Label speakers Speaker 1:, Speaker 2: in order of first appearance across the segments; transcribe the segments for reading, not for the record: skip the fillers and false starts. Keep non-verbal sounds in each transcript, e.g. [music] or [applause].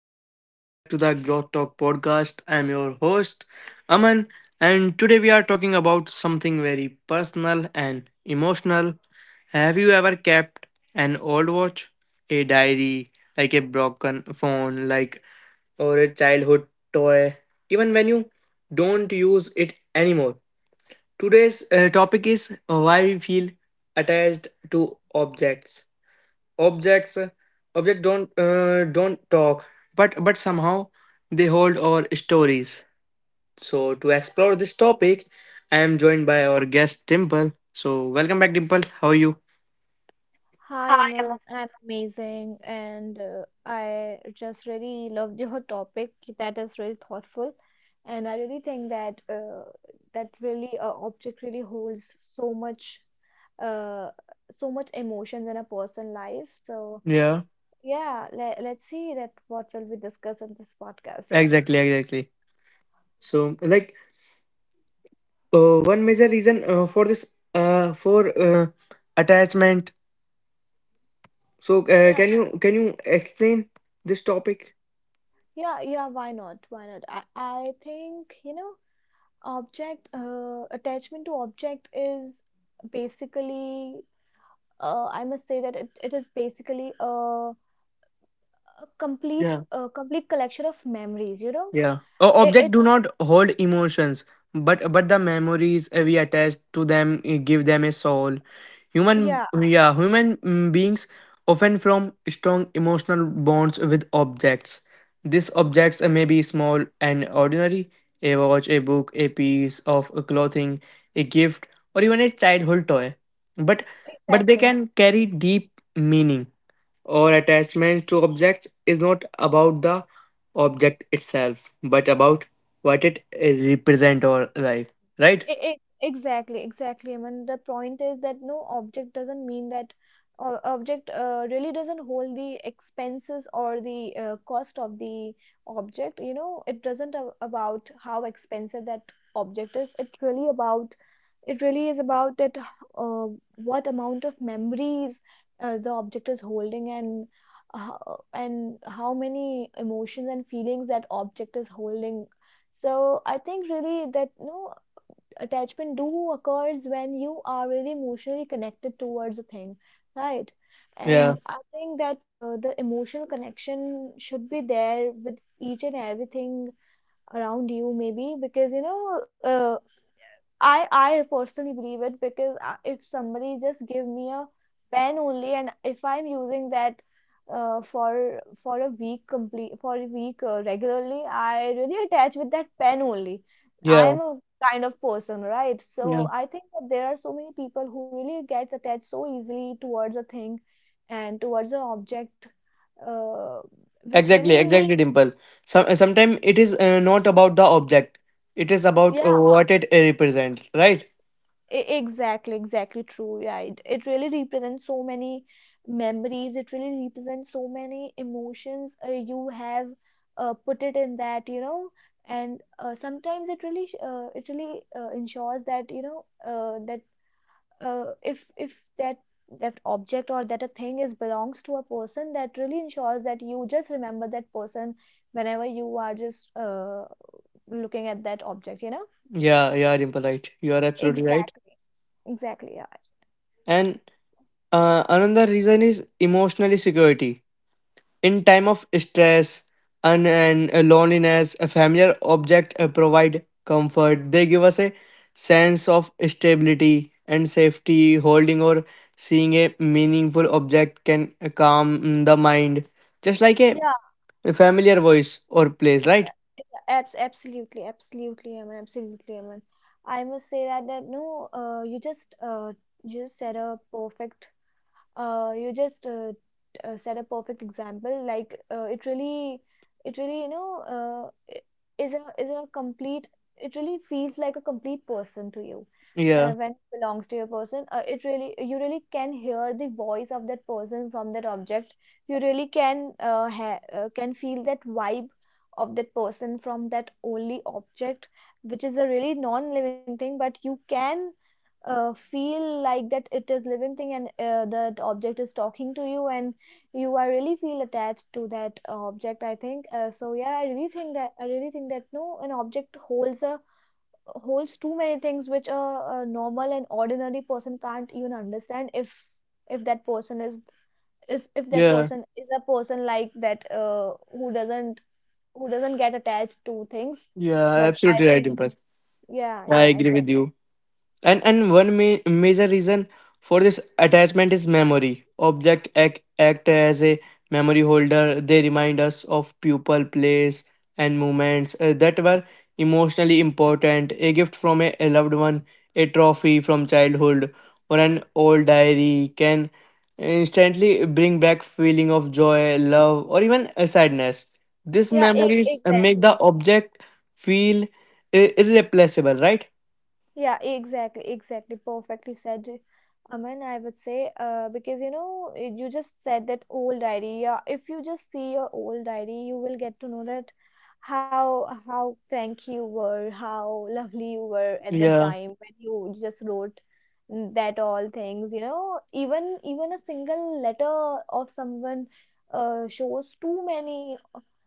Speaker 1: everyone, welcome back to the Growth Talk podcast. I'm your host, Aman, and today we are talking about something very personal and emotional. Have you ever kept an old watch, a diary, like a broken phone, like or a childhood toy, even when you don't use it anymore? Today's topic is why we feel attached to objects objects. Don't Don't talk, but somehow they hold our stories. So to explore this topic, I am joined by our guest Dimple. So welcome back, Dimple, how are you?
Speaker 2: Hi, Aman. I'm amazing, and I just really loved your topic. That is really thoughtful, and I really think that that really object really holds so much uh, so much emotions in a person's life. So
Speaker 1: Yeah,
Speaker 2: yeah, let's see that what will we discuss in this podcast. Yeah,
Speaker 1: exactly. so like One major reason for attachment, so uh,
Speaker 2: yeah,
Speaker 1: can you can you explain this topic?
Speaker 2: yeah. Why not? Why not? I think you know object attachment to object is basically I must say that it is basically a complete collection of memories, you know?
Speaker 1: Yeah. O-
Speaker 2: It,
Speaker 1: object
Speaker 2: it
Speaker 1: do not hold emotions, but the memories we attach to them give them a soul. Human,
Speaker 2: yeah,
Speaker 1: yeah, human mm, beings often form strong emotional bonds with objects. These objects may be small and ordinary, a watch, a book, a piece of clothing, a gift, or even a childhood toy. But but they
Speaker 2: exactly.
Speaker 1: can carry deep meaning or attachment to objects is not about the object itself, but about what it represents or life, right?
Speaker 2: Exactly. I mean, the point is that no object doesn't mean that object really doesn't hold the expenses or the cost of the object. You know, it doesn't a about how expensive that object is. It's really about it really is about that uh, what amount of memories the object is holding uh, and how many emotions and feelings that object is holding. So I think really that no attachment do occurs when you are really emotionally connected towards a thing, right?
Speaker 1: Yeah,
Speaker 2: And I think that the emotional connection should be there with each and everything around you maybe because you know, uh, I personally believe it because if somebody just give me a pen only and if I'm using that for a week complete for a week regularly, I really attach with that pen only. I
Speaker 1: yeah,
Speaker 2: am a kind of person, right? So
Speaker 1: yeah.
Speaker 2: I think that there are so many people who really gets attached so easily towards a thing and towards an object, uh, which
Speaker 1: Exactly,
Speaker 2: really
Speaker 1: exactly, Dimple. Sometimes it is not about the object; it is about
Speaker 2: yeah.
Speaker 1: what it represents, right?
Speaker 2: Exactly true. Yeah, it really represents so many memories. It really represents so many emotions you have put it in that, you know. And sometimes it really, it really ensures that you know that if that that object or that a thing is belongs to a person, that really ensures that you just remember that person whenever you are just looking at that object, you know.
Speaker 1: Yeah, yeah, Dimple, right. You are absolutely right.
Speaker 2: Exactly, exactly.
Speaker 1: And another reason is emotional security. In time of stress and loneliness, a familiar object provide comfort. They give us a sense of stability and safety. Holding or seeing a meaningful object can calm the mind, just like
Speaker 2: Yeah.
Speaker 1: a familiar voice or place, right?
Speaker 2: Absolutely, absolutely, Aman, absolutely, Aman. I must say that that no, you just said a perfect you just set a perfect example like it really you know, uh, is a complete it really feels like a complete person to you
Speaker 1: Yeah,
Speaker 2: when it belongs to your person, it really you really can hear the voice of that person from that object. You really can can feel that vibe of that person from that only object, which is a really non-living thing, but you can feel like that it is living thing and that object is talking to you and you are really feel attached to that object. I think so yeah, I really think that I really think that no an object holds a holds too many things which a normal and ordinary person can't even understand if that person is if that
Speaker 1: yeah,
Speaker 2: person is a person like that who doesn't get attached to things,
Speaker 1: yeah.
Speaker 2: but I
Speaker 1: Absolutely right,
Speaker 2: think
Speaker 1: Dimple.
Speaker 2: yeah
Speaker 1: I
Speaker 2: yeah
Speaker 1: agree with
Speaker 2: exactly
Speaker 1: you. And one major reason for this attachment is memory. Object act as a memory holder. They remind us of people, place, and moments that were emotionally important. A gift from a loved one, a trophy from childhood, or an old diary can instantly bring back feeling of joy, love, or even a sadness. These
Speaker 2: yeah
Speaker 1: memories make the
Speaker 2: exactly.
Speaker 1: object feel irreplaceable, right?
Speaker 2: Yeah, exactly, exactly. Perfectly said, Aman. I would say, because you know, you just said that old diary. Yeah, if you just see your old diary, you will get to know that how frank you were, how lovely you were at that
Speaker 1: Yeah,
Speaker 2: time when you just wrote that all things. You know, even even a single letter of someone shows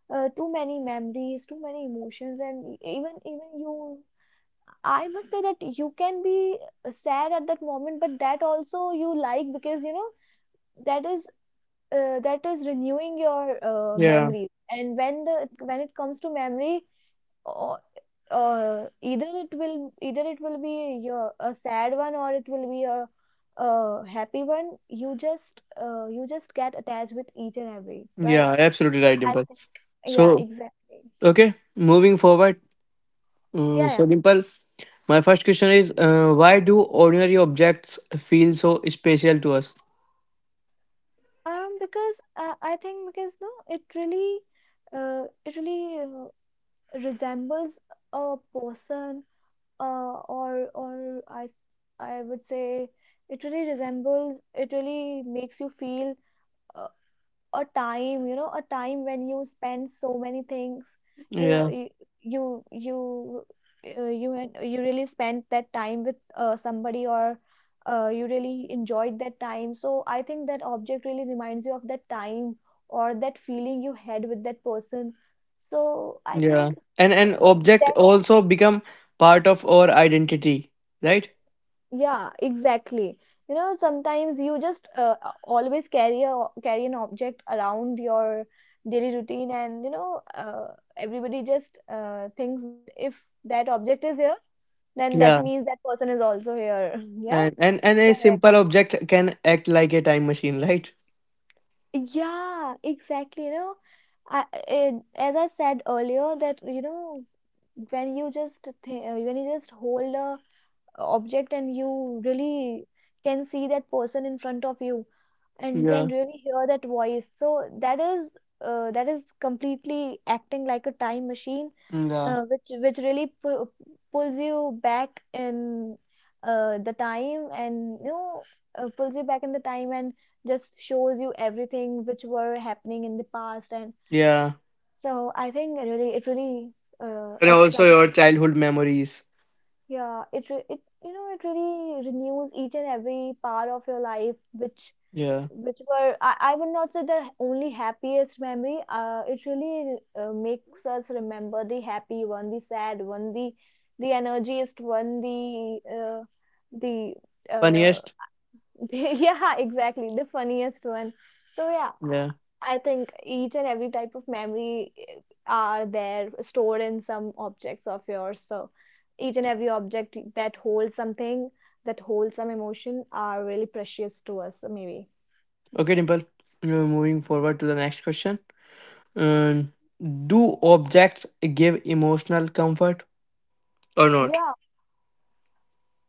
Speaker 2: too many memories, too many emotions, and even even you I must say that you can be sad at that moment, but that also you like because you know that is that is renewing your
Speaker 1: yeah.
Speaker 2: memories. And when the when it comes to memory, uh, either it will be your a sad one or it will be a happy one. You just get attached with each and every,
Speaker 1: Yeah,
Speaker 2: right?
Speaker 1: absolutely right,
Speaker 2: I
Speaker 1: Dimple.
Speaker 2: think yeah,
Speaker 1: So,
Speaker 2: exactly.
Speaker 1: okay, moving forward.
Speaker 2: Yeah,
Speaker 1: So,
Speaker 2: yeah.
Speaker 1: Dimple, my first question is why do ordinary objects feel so special to us?
Speaker 2: Because I think because no, it really resembles a person, uh, or I would say it really resembles. It really makes you feel a time, you know, a time when you spend so many things, you
Speaker 1: Yeah,
Speaker 2: you you, you really spent that time with somebody or you really enjoyed that time, so I think that object really reminds you of that time or that feeling you had with that person. So I
Speaker 1: yeah.
Speaker 2: think
Speaker 1: And an
Speaker 2: uh,
Speaker 1: object
Speaker 2: that
Speaker 1: also become part of our identity, right?
Speaker 2: yeah, exactly. You know, sometimes you just always carry a carry an object around your daily routine, and you know, everybody just thinks that if that object is here, then that
Speaker 1: Yeah.
Speaker 2: means that person is also here. [laughs] Yeah.
Speaker 1: And
Speaker 2: So
Speaker 1: a
Speaker 2: yeah.
Speaker 1: simple object can act like a time machine, right?
Speaker 2: Yeah, exactly. You know, as I said earlier, that you know, when you just th when you just hold a object and you really can see that person in front of you and
Speaker 1: Yeah.
Speaker 2: can really hear that voice, so that is completely acting like a time machine,
Speaker 1: Yeah.
Speaker 2: which really pulls you back in the time, and you know, pulls you back in the time and just shows you everything which were happening in the past. And
Speaker 1: Yeah.
Speaker 2: so I think it really
Speaker 1: And
Speaker 2: acts
Speaker 1: also
Speaker 2: like
Speaker 1: your childhood memories.
Speaker 2: yeah, it you know it really renews each and every part of your life,
Speaker 1: Yeah.
Speaker 2: which were I would not say the only happiest memory. It really makes us remember the happy one, the sad one, the energiest one, the uh,
Speaker 1: Funniest.
Speaker 2: [laughs] yeah exactly the funniest one. So yeah,
Speaker 1: Yeah.
Speaker 2: I think each and every type of memory are there stored in some objects of yours. So each and every object that holds something, that holds some emotion, are really precious to us. So maybe,
Speaker 1: Okay, Dimple. Moving forward to the next question. Um, do objects give emotional comfort or not?
Speaker 2: yeah.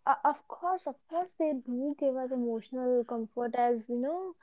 Speaker 2: Of course, of course, they do give us emotional comfort, as you know,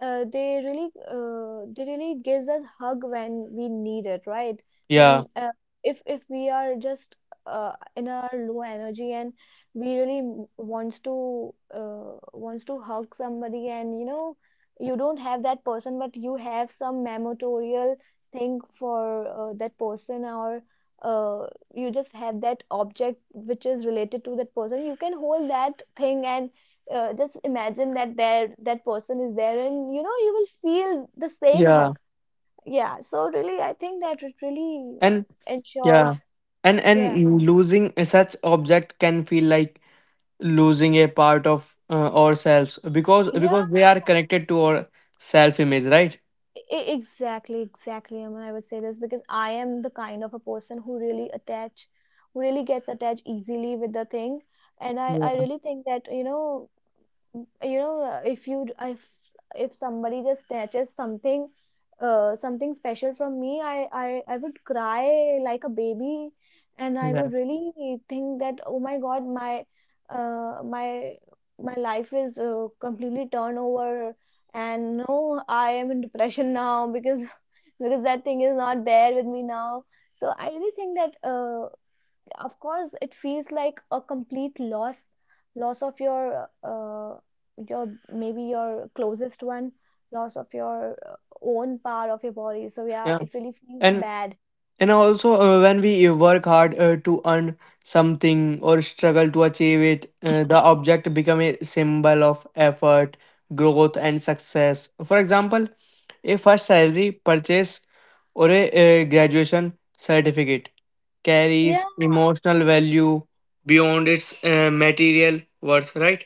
Speaker 2: they really gives us hug when we need it, right?
Speaker 1: Yeah,
Speaker 2: When if we are just in our low energy, and we really wants to wants to hug somebody, and you know, you don't have that person, but you have some memorial thing for that person or. Uh, you just have that object which is related to that person. You can hold that thing and just imagine that there that person is there, and you know you will feel the same hug.
Speaker 1: yeah,
Speaker 2: Yeah, so really I think that it really
Speaker 1: and
Speaker 2: ensures
Speaker 1: yeah, and
Speaker 2: yeah
Speaker 1: and losing a such object can feel like losing a part of ourselves because
Speaker 2: yeah
Speaker 1: because they are connected to our self image, right?
Speaker 2: exactly exactly mean, I would say this because I am the kind of a person who really attach who really gets attached easily with the thing, and i
Speaker 1: Yeah,
Speaker 2: really think that you know if you if somebody just snatches something something special from me, I would cry like a baby, and I
Speaker 1: yeah,
Speaker 2: would really think that oh my God, my my my life is completely turned over, and no I am in depression now because [laughs] because that thing is not there with me now. So I really think that of course it feels like a complete loss, loss of your maybe your closest one, loss of your own part of your body. So yeah,
Speaker 1: yeah,
Speaker 2: it really feels
Speaker 1: and
Speaker 2: bad.
Speaker 1: And also, when we work hard to earn something or struggle to achieve it, the object become a symbol of effort, growth, and success. For example, a first salary purchase or a, graduation certificate carries emotional value beyond its material worth, right?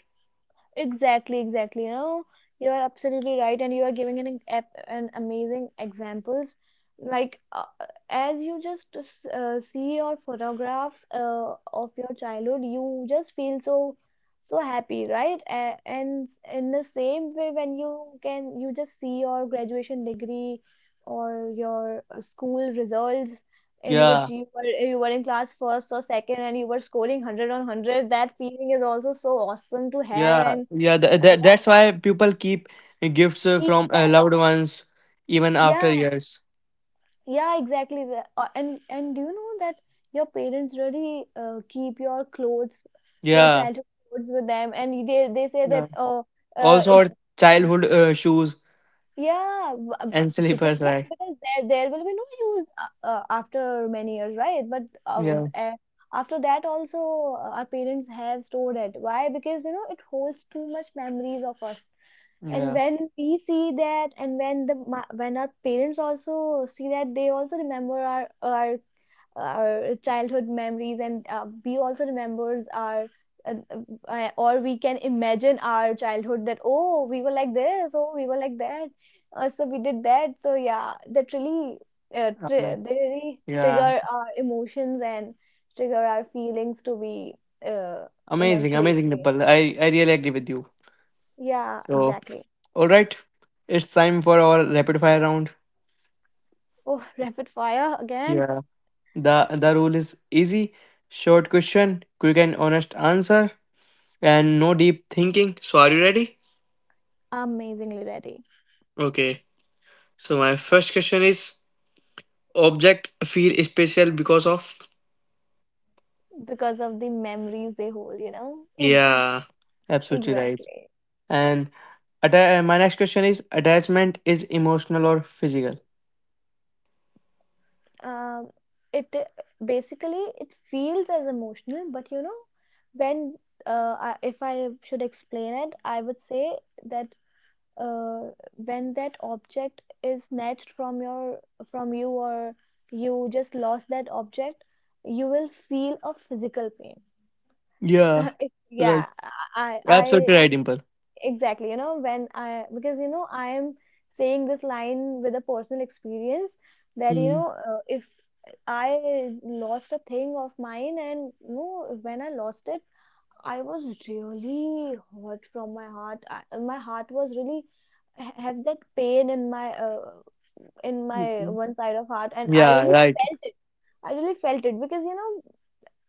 Speaker 2: Exactly, exactly. You know, you are absolutely right, and you are giving an an amazing examples. Like as you just see your photographs of your childhood, you just feel so so happy, right? A and in the same way, when you can, you just see your graduation degree or your school results in which
Speaker 1: Yeah,
Speaker 2: you were in class first or second and you were scoring 100 on 100, that feeling is also so awesome to have.
Speaker 1: yeah,
Speaker 2: And
Speaker 1: yeah. That,
Speaker 2: uh,
Speaker 1: that, that's why people keep gifts
Speaker 2: keep
Speaker 1: from
Speaker 2: them.
Speaker 1: loved ones even after
Speaker 2: Yeah,
Speaker 1: years.
Speaker 2: yeah, exactly. And do you know that your parents really keep your clothes, your
Speaker 1: Yeah.
Speaker 2: childhood clothes with them, and they say that oh,
Speaker 1: Also,
Speaker 2: it
Speaker 1: our childhood shoes
Speaker 2: yeah,
Speaker 1: and
Speaker 2: because
Speaker 1: slippers,
Speaker 2: no,
Speaker 1: right?
Speaker 2: because there will be no use after many years, right? But
Speaker 1: Yeah,
Speaker 2: after that also, our parents have stored it. Why? Because you know it holds too much memories of us. And
Speaker 1: yeah,
Speaker 2: when we see that and when when our parents also see that, they also remember our childhood memories, and we also remembers our uh, or we can imagine our childhood that, oh, we were like this, oh, we were like that, so we did that. So yeah, that really
Speaker 1: ama-
Speaker 2: they really
Speaker 1: yeah.
Speaker 2: trigger our emotions and trigger our feelings to be uh, in a
Speaker 1: Amazing,
Speaker 2: great
Speaker 1: amazing,
Speaker 2: way.
Speaker 1: Nipal. I really agree with you.
Speaker 2: Yeah,
Speaker 1: So,
Speaker 2: exactly.
Speaker 1: all right, it's time for our rapid fire round.
Speaker 2: Oh, rapid fire again.
Speaker 1: Yeah, the rule is easy, short question, quick and honest answer, and no deep thinking. So, are you ready?
Speaker 2: Amazingly ready.
Speaker 1: Okay. So, my first question is: Object feel special because of?
Speaker 2: Because of the memories they hold,
Speaker 1: Yeah,
Speaker 2: [laughs]
Speaker 1: absolutely right.
Speaker 2: exactly.
Speaker 1: And my next question is attachment is emotional or physical?
Speaker 2: um it basically it feels as emotional, but when I, if I should explain it, I would say that when that object is snatched from your from you, or you just lost that object, you will feel a physical pain.
Speaker 1: Yeah,
Speaker 2: [laughs] Yeah.
Speaker 1: right.
Speaker 2: I
Speaker 1: Absolutely right, Dimple.
Speaker 2: Exactly. You know, when I, because, you know, I am saying this line with a personal experience that, you
Speaker 1: Mm.
Speaker 2: know, if I lost a thing of mine, and, you know, when I lost it, I was really hurt from my heart. I, my heart was really have that pain in my
Speaker 1: Mhm.
Speaker 2: one side of heart, and I
Speaker 1: Yeah,
Speaker 2: really
Speaker 1: right.
Speaker 2: felt it. I really felt it because, you know,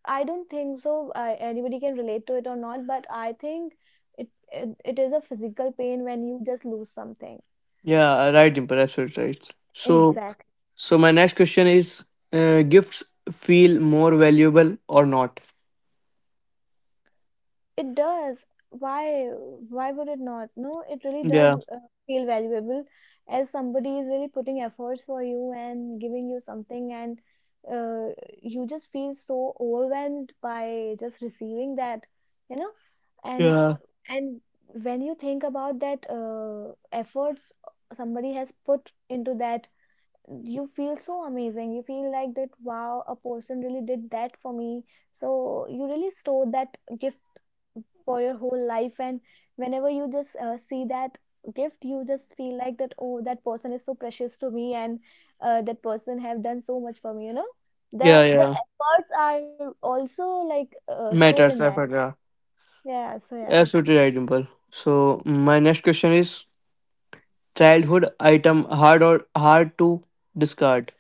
Speaker 2: I don't think so. I, anybody can relate to it or not, but I think it is a physical pain when you just lose something.
Speaker 1: Yeah, right, Dimple. Absolutely right. So,
Speaker 2: Exactly.
Speaker 1: so my next question is gifts feel more valuable or not?
Speaker 2: It does. Why? Why would it not? No, it really does
Speaker 1: Yeah,
Speaker 2: feel valuable, as somebody is really putting efforts for you and giving you something, and uh, you just feel so overwhelmed by just receiving that, you know, and
Speaker 1: yeah,
Speaker 2: and when you think about that efforts somebody has put into that, you feel so amazing. You feel like that, wow, a person really did that for me. So you really store that gift for your whole life, and whenever you just see that gift, you just feel like that, oh, that person is so precious to me, and that person have done so much for me. The
Speaker 1: yeah,
Speaker 2: the
Speaker 1: yeah.
Speaker 2: efforts are also like stored in
Speaker 1: Matters,
Speaker 2: that.
Speaker 1: effort, yeah.
Speaker 2: Yeah, so yeah.
Speaker 1: Absolutely right, Dimple. So, my next question is childhood item hard or hard to discard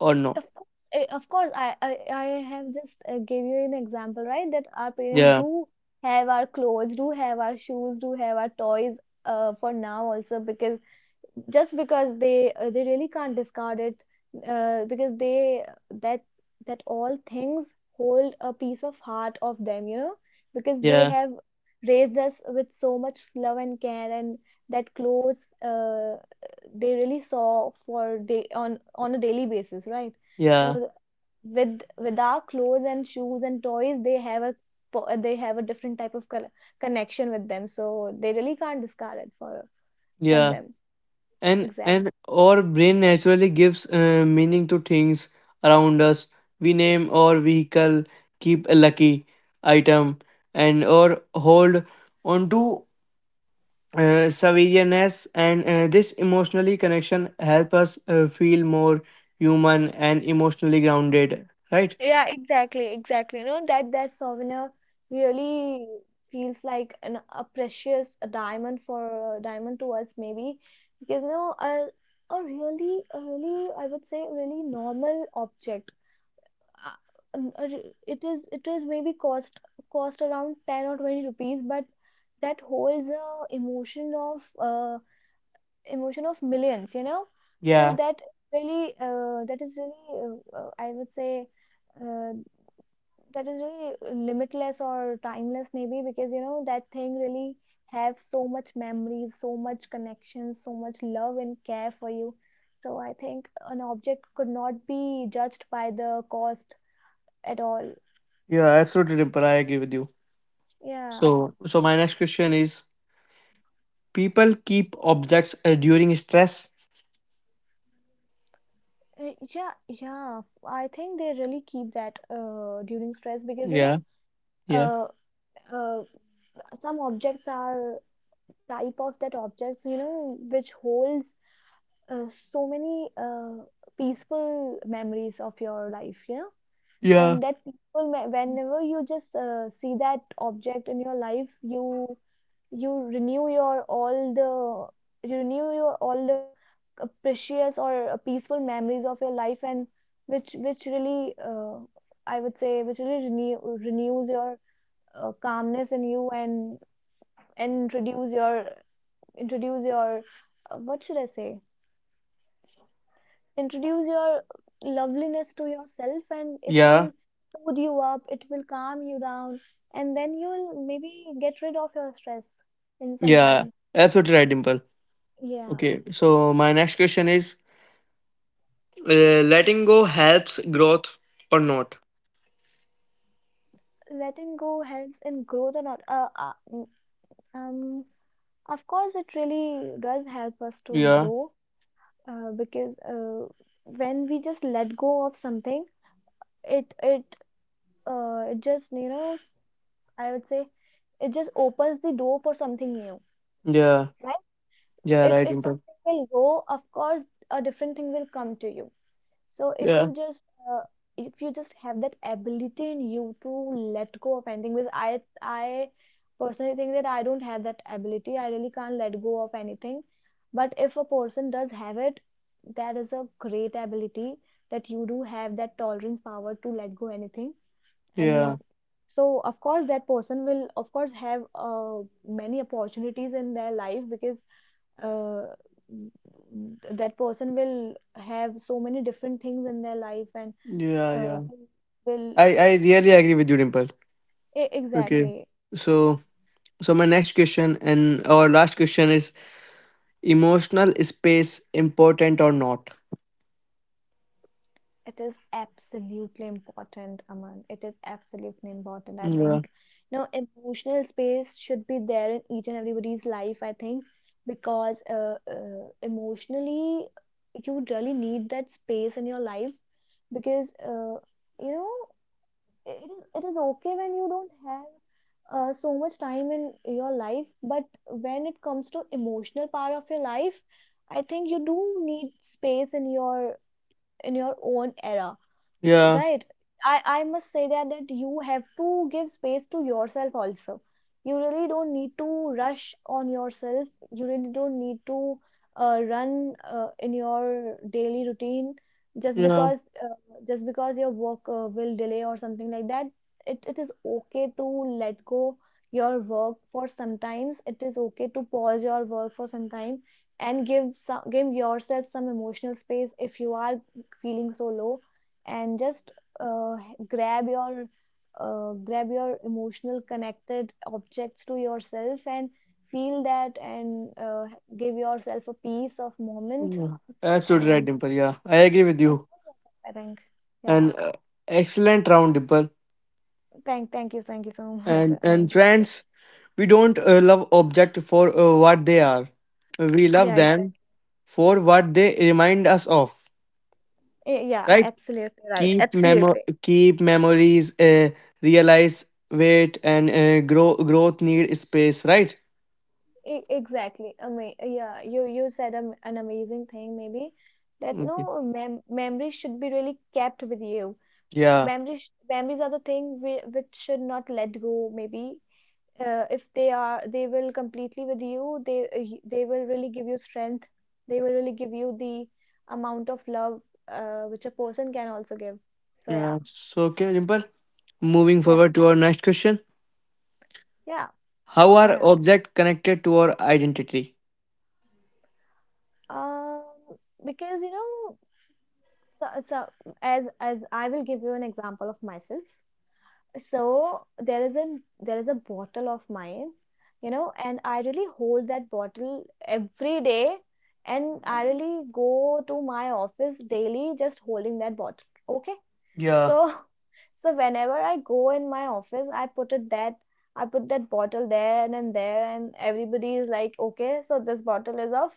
Speaker 1: or no?
Speaker 2: Of course, eh, of course, I have just gave you an example, right, that our parents
Speaker 1: Yeah,
Speaker 2: do have our clothes, do have our shoes, do have our toys, for now also, because just because they really can't discard it, because they that that all things hold a piece of heart of them, you know, because they
Speaker 1: yeah.
Speaker 2: have raised us with so much love and care, and that clothes uh, they really saw for day on a daily basis, right? So
Speaker 1: Yeah,
Speaker 2: with our clothes and shoes and toys, they have they have a different type of connection with them, so they really can't discard it for from
Speaker 1: yeah,
Speaker 2: them. Exactly.
Speaker 1: and our brain naturally gives meaning to things around us. We name our vehicle, keep a lucky item, and or hold onto severiness, and this emotionally connection help us feel more human and emotionally grounded. Right?
Speaker 2: Yeah, exactly, exactly. You know that that souvenir really feels like an a precious a diamond to us, maybe, because you know, a really, I would say, really normal object. uh, It is, it is maybe cost cost around 10 or 20 rupees, but that holds a uh, emotion of millions. You know, so
Speaker 1: Yeah,
Speaker 2: that really that is really I would say uh, that is really limitless or timeless, maybe, because you know that thing really have so much memories, so much connections, so much love and care for you. So I think an object could not be judged by the cost at all.
Speaker 1: yeah, absolutely, Dimple. I agree with you.
Speaker 2: Yeah.
Speaker 1: So, so my next question is: People keep objects during stress.
Speaker 2: Yeah, yeah, I think they really keep that during stress, because you know
Speaker 1: Yeah, yeah.
Speaker 2: uh, uh, some objects are type of that objects, you know, which holds uh, so many peaceful memories of your life, yeah.
Speaker 1: Yeah,
Speaker 2: And that whenever you just see that object in your life, you renew your all the you renew your all the precious or peaceful memories of your life, and which really I would say which really renews your calmness in you, and introduce your what should I say, introduce your loveliness to yourself, and it
Speaker 1: yeah,
Speaker 2: will soothe you up, it will calm you down, and then you'll maybe get rid of your stress in some
Speaker 1: yeah.
Speaker 2: time.
Speaker 1: Absolutely right, Dimple.
Speaker 2: Yeah.
Speaker 1: Okay, so my next question is letting go helps growth or not?
Speaker 2: Letting go helps in growth or not. Um, of course, it really does help us to
Speaker 1: Yeah,
Speaker 2: grow, because when we just let go of something, it it it just, you know, I would say it just opens the door for something new.
Speaker 1: yeah, yeah,
Speaker 2: If
Speaker 1: right,
Speaker 2: something
Speaker 1: Dimple.
Speaker 2: will go, of course a different thing will come to you, so
Speaker 1: Yeah,
Speaker 2: uh, if you just have that ability in you to let go of anything, because I personally think that I don't have that ability, I really can't let go of anything. But if a person does have it, that is a great ability, that you do have that tolerance power to let go anything, and
Speaker 1: yeah,
Speaker 2: so of course that person will of course have many opportunities in their life, because uh, that person will have so many different things in their life, and
Speaker 1: yeah,
Speaker 2: uh,
Speaker 1: yeah.
Speaker 2: will, will
Speaker 1: I really agree with you, Dimple. Okay,
Speaker 2: exactly.
Speaker 1: so so my next question and our last question is emotional space important or not?
Speaker 2: It is absolutely important, Aman, it is absolutely important, I
Speaker 1: Yeah,
Speaker 2: think. You know, emotional space should be there in each and everybody's life, I think, because emotionally, you would really need that space in your life, because you know, it is okay when you don't have so much time in your life, but when it comes to emotional part of your life, I think you do need space in your own era.
Speaker 1: yeah,
Speaker 2: Right. I must say that you have to give space to yourself also. You really don't need to rush on yourself. You really don't need to run in your daily routine just
Speaker 1: yeah,
Speaker 2: because uh, just because your work will delay or something like that. It is okay to let go your work for sometimes. It is okay to pause your work for some time and give some, give yourself some emotional space if you are feeling so low, and just uh, grab your grab your emotional connected objects to yourself and feel that, and give yourself a piece of moment,
Speaker 1: yeah. Absolutely right,
Speaker 2: and,
Speaker 1: Dimple. Yeah, I agree with
Speaker 2: and
Speaker 1: you.
Speaker 2: I think, yeah.
Speaker 1: And excellent round, Dimple.
Speaker 2: Thank you, thank you so [laughs] much,
Speaker 1: And
Speaker 2: Amandeep. Yeah.
Speaker 1: friends, we don't love object for what they are, we love
Speaker 2: Yeah,
Speaker 1: them
Speaker 2: exactly.
Speaker 1: for what they remind us of,
Speaker 2: Eh, yeah,
Speaker 1: right?
Speaker 2: absolutely right,
Speaker 1: keep memo
Speaker 2: absolutely.
Speaker 1: Keep memories, realize weight, and growth need space, right?
Speaker 2: Exactly, yeah, you said an amazing thing, maybe, that
Speaker 1: Okay.
Speaker 2: no memory should be really kept with you.
Speaker 1: Yeah,
Speaker 2: Memories are the thing which should not let go, maybe. If they are, they will completely with you, they they will really give you strength, they will really give you the amount of love which a person can also give. So yeah.
Speaker 1: yeah, so okay Dimple, moving
Speaker 2: Yeah,
Speaker 1: forward to our next question.
Speaker 2: yeah.
Speaker 1: How
Speaker 2: Why
Speaker 1: are
Speaker 2: not?
Speaker 1: object connected to our identity?
Speaker 2: um because, you know, so as I will give you an example of myself. So there is a bottle of mine, you know, and I really hold that bottle every day, and I really go to my office daily just holding that bottle, okay?
Speaker 1: Yeah,
Speaker 2: So [laughs] so whenever I go in my office, I put that bottle there, and then there, and everybody is like, okay, so this bottle is of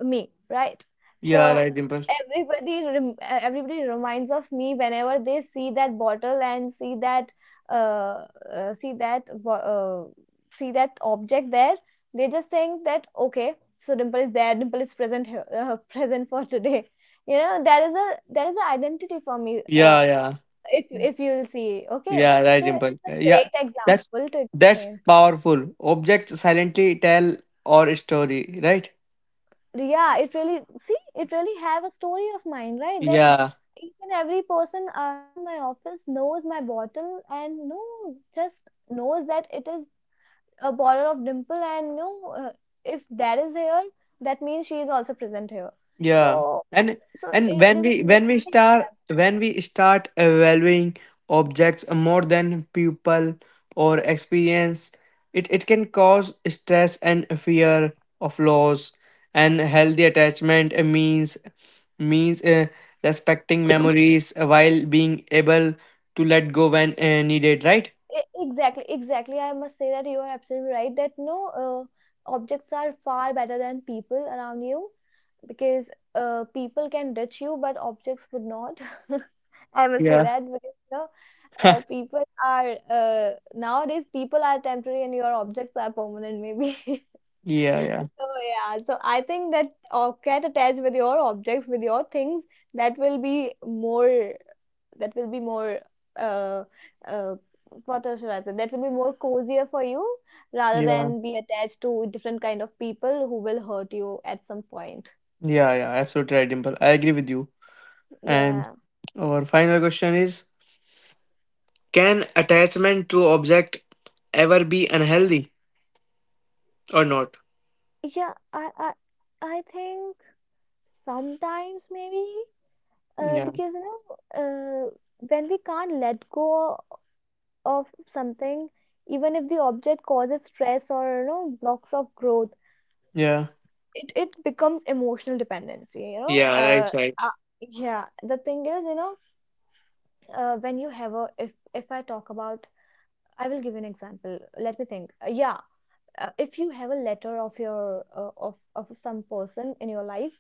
Speaker 2: me, right?
Speaker 1: yeah
Speaker 2: So
Speaker 1: right, Dimple.
Speaker 2: everybody everybody reminds of me whenever they see that bottle, and see that uh, uh, see that bo- uh, see that object there. They just think that, okay, so Dimple is there. Dimple is present here, [laughs] present for today. You know, there is an identity for me.
Speaker 1: Yeah, yeah.
Speaker 2: If you'll see, okay,
Speaker 1: Yeah, right,
Speaker 2: so
Speaker 1: Dimple.
Speaker 2: it's a
Speaker 1: Yeah,
Speaker 2: great
Speaker 1: that's
Speaker 2: example to explain.
Speaker 1: powerful. Objects silently tell our story, right?
Speaker 2: Yeah, it really, see, it really have a story of mine, right, that
Speaker 1: Yeah,
Speaker 2: each and every person around my office knows my bottle, and no, just knows that it is a bottle of Dimple, and no, if that is here, that means she is also present here.
Speaker 1: yeah.
Speaker 2: So
Speaker 1: And and
Speaker 2: it
Speaker 1: when
Speaker 2: is an
Speaker 1: we when
Speaker 2: amazing
Speaker 1: we
Speaker 2: thing.
Speaker 1: start when we start evaluating objects more than people or experience, it can cause stress and fear of loss. And healthy attachment means respecting memories while being able to let go when needed, right?
Speaker 2: Exactly, exactly, I must say that you are absolutely right, that no, objects are far better than people around you, because people can touch you, but objects would not. [laughs] I must say
Speaker 1: Yeah.
Speaker 2: that, because you know,
Speaker 1: [laughs]
Speaker 2: people are nowadays people are temporary, and your objects are permanent, maybe. [laughs]
Speaker 1: Yeah, yeah,
Speaker 2: So yeah, so I think that or get attached with your objects, with your things, that will be more. That will be more. Uh, uh, what else should I say? That will be more cozier for you, rather
Speaker 1: yeah,
Speaker 2: than be attached to different kind of people who will hurt you at some point.
Speaker 1: yeah, yeah. Absolutely right, Dimple. I agree with you. And
Speaker 2: Yeah.
Speaker 1: our final question is: Can attachment to object ever be unhealthy or not?
Speaker 2: Yeah, I think sometimes maybe,
Speaker 1: Yeah,
Speaker 2: because you know, when we can't let go of something, even if the object causes stress, or you know, blocks of growth,
Speaker 1: yeah,
Speaker 2: it becomes emotional dependency. You know,
Speaker 1: yeah. Right,
Speaker 2: uh,
Speaker 1: right.
Speaker 2: yeah. The thing is, you know, when you have a, if I talk about, I will give you an example. Let me think. Yeah, if you have a letter of your of some person in your life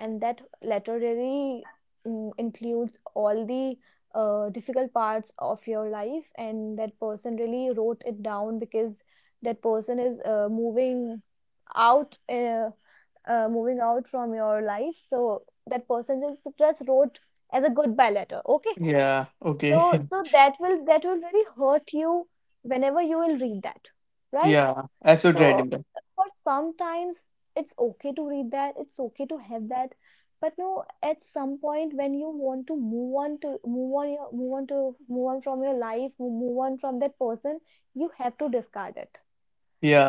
Speaker 2: and that literally includes all the difficult parts of your life, and that person really wrote it down because that person is out uh, moving out from your life, so that person just wrote as a goodbye letter. Okay,
Speaker 1: Yeah.
Speaker 2: so
Speaker 1: Okay.
Speaker 2: that will really hurt you whenever you will read that.
Speaker 1: [laughs]
Speaker 2: Right,
Speaker 1: Yeah. Absolutely right,
Speaker 2: so
Speaker 1: Dimple.
Speaker 2: for sometimes it's okay to read that, it's okay to have that, but no, at some point when you want to move on your move on to move on from your life, move on from that person, you have to discard it.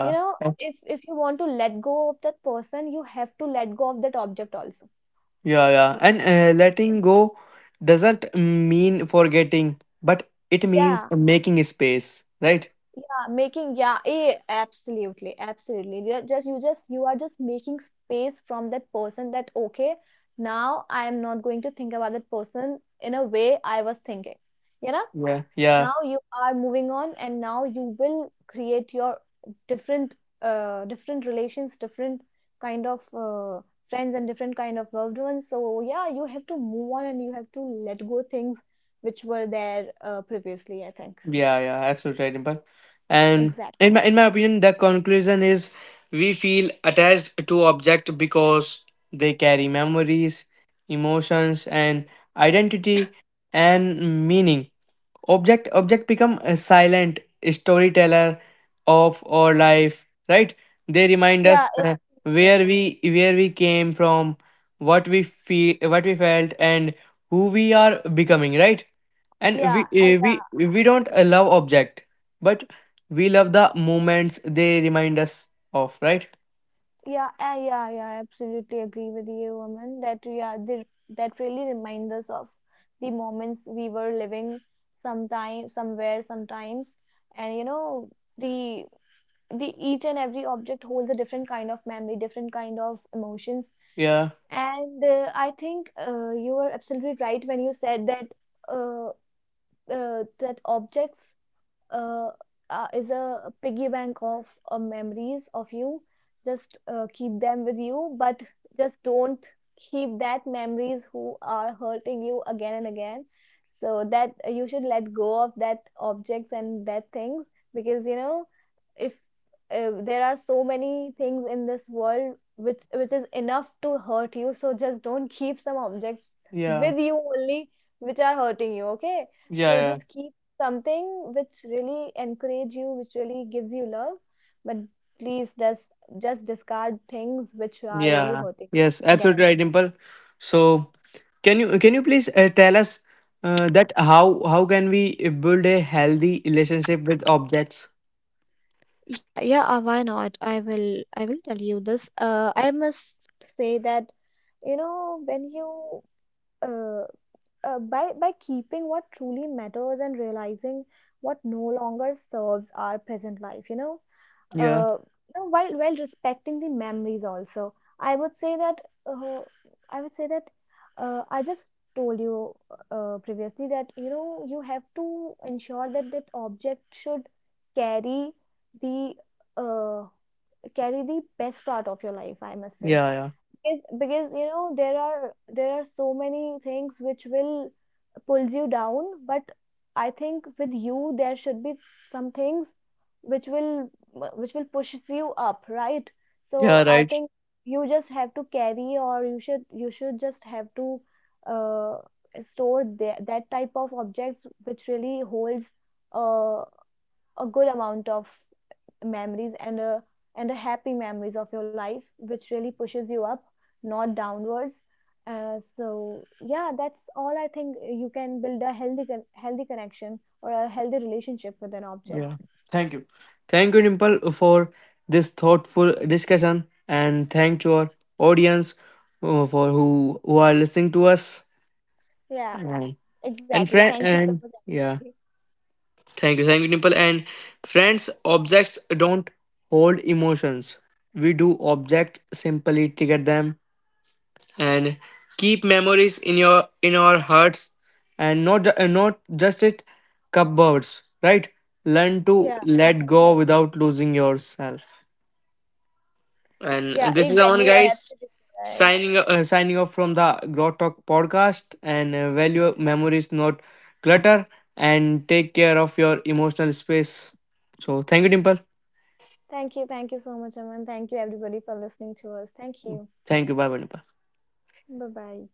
Speaker 2: You know,
Speaker 1: abs-
Speaker 2: if you want to let go of that person, you have to let go of that object also.
Speaker 1: Yeah, yeah. And letting go doesn't mean forgetting, but it means
Speaker 2: Yeah.
Speaker 1: making space, right?
Speaker 2: Absolutely, absolutely. You are just making space from that person, that okay, now I am not going to think about that person in a way I was thinking. You know,
Speaker 1: Yeah, yeah.
Speaker 2: now you are moving on and now you will create your different different relations, different kind of friends and different kind of loved ones. So yeah, you have to move on and you have to let go things which were there previously, I think.
Speaker 1: Yeah, yeah, absolutely right, Dimple. And
Speaker 2: Exactly.
Speaker 1: in my opinion, the conclusion is we feel attached to object because they carry memories, emotions, and identity and meaning. Object become a silent storyteller of our life, right? They remind
Speaker 2: Yeah,
Speaker 1: us
Speaker 2: it's,
Speaker 1: where we came from, what we feel, what we felt, and who we are becoming, right? And
Speaker 2: yeah,
Speaker 1: we eh, we don't
Speaker 2: exactly.
Speaker 1: love object, but we love the moments they remind us of, right?
Speaker 2: Yeah, I, yeah, yeah. I absolutely agree with you, woman. That yeah, that really reminds us of the moments we were living sometime, somewhere, sometimes, and you know the the each and every object holds a different kind of memory, different kind of emotions,
Speaker 1: Yeah,
Speaker 2: and I think you were absolutely right when you said that uh, that objects uh, is a piggy bank of memories of you. Just keep them with you, but just don't keep that memories who are hurting you again and again. So that you should let go of that objects and that things, because you know if there are so many things in this world which is enough to hurt you. So just don't keep some objects
Speaker 1: yeah,
Speaker 2: with you only which are hurting you. Okay,
Speaker 1: yeah,
Speaker 2: so
Speaker 1: yeah,
Speaker 2: just keep something which really encourage you, which really gives you love. But please just discard things which are really
Speaker 1: yeah,
Speaker 2: hurting
Speaker 1: yes
Speaker 2: again and...
Speaker 1: absolutely right, Dimple. So can you please tell us that how can we build a healthy relationship with objects?
Speaker 2: Yeah, yeah, why not? I will tell you this. I must say that you know when you uh, by keeping what truly matters and realizing what no longer serves our present life, you know,
Speaker 1: Yeah,
Speaker 2: uh, you know, while respecting the memories also, I would say that uh, I would say that I just told you previously that you know you have to ensure that that object should carry the uh, carry the best part of your life, I must say.
Speaker 1: yeah, yeah,
Speaker 2: Because you know there are so many things which will pulls you down, but I think with you there should be some things which will which will push you up, right? So
Speaker 1: yeah.
Speaker 2: I
Speaker 1: Right.
Speaker 2: think you just have to carry, or you should just have to uh, store that that type of objects which really holds uh, a good amount of memories and a and the happy memories of your life which really pushes you up, not downwards. Uh, so yeah, that's all. I think you can build a healthy connection or a healthy relationship with an object.
Speaker 1: Yeah. Thank you, thank you, Dimple, for this thoughtful discussion, and thank to our audience for who are listening to us.
Speaker 2: Yeah,
Speaker 1: And
Speaker 2: exactly.
Speaker 1: and friend
Speaker 2: Thank you so much,
Speaker 1: and yeah,
Speaker 2: everybody.
Speaker 1: thank you, Dimple, and friends, objects don't hold emotions, we do. Object simply trigger them and keep memories in your in our hearts, and not not just it cupboards, right? Learn to
Speaker 2: Yeah,
Speaker 1: let go
Speaker 2: exactly.
Speaker 1: without losing yourself.
Speaker 2: Yeah,
Speaker 1: And this is Aman
Speaker 2: exactly, you are
Speaker 1: guys,
Speaker 2: absolutely right.
Speaker 1: signing signing off from the Grow Talk podcast, and value memories not clutter, and take care of your emotional space. So thank you, Dimple.
Speaker 2: Thank you, thank you so much, Aman. Thank you everybody for listening to us. Thank you.
Speaker 1: Thank you, bye bye, Dimple.
Speaker 2: Bye bye.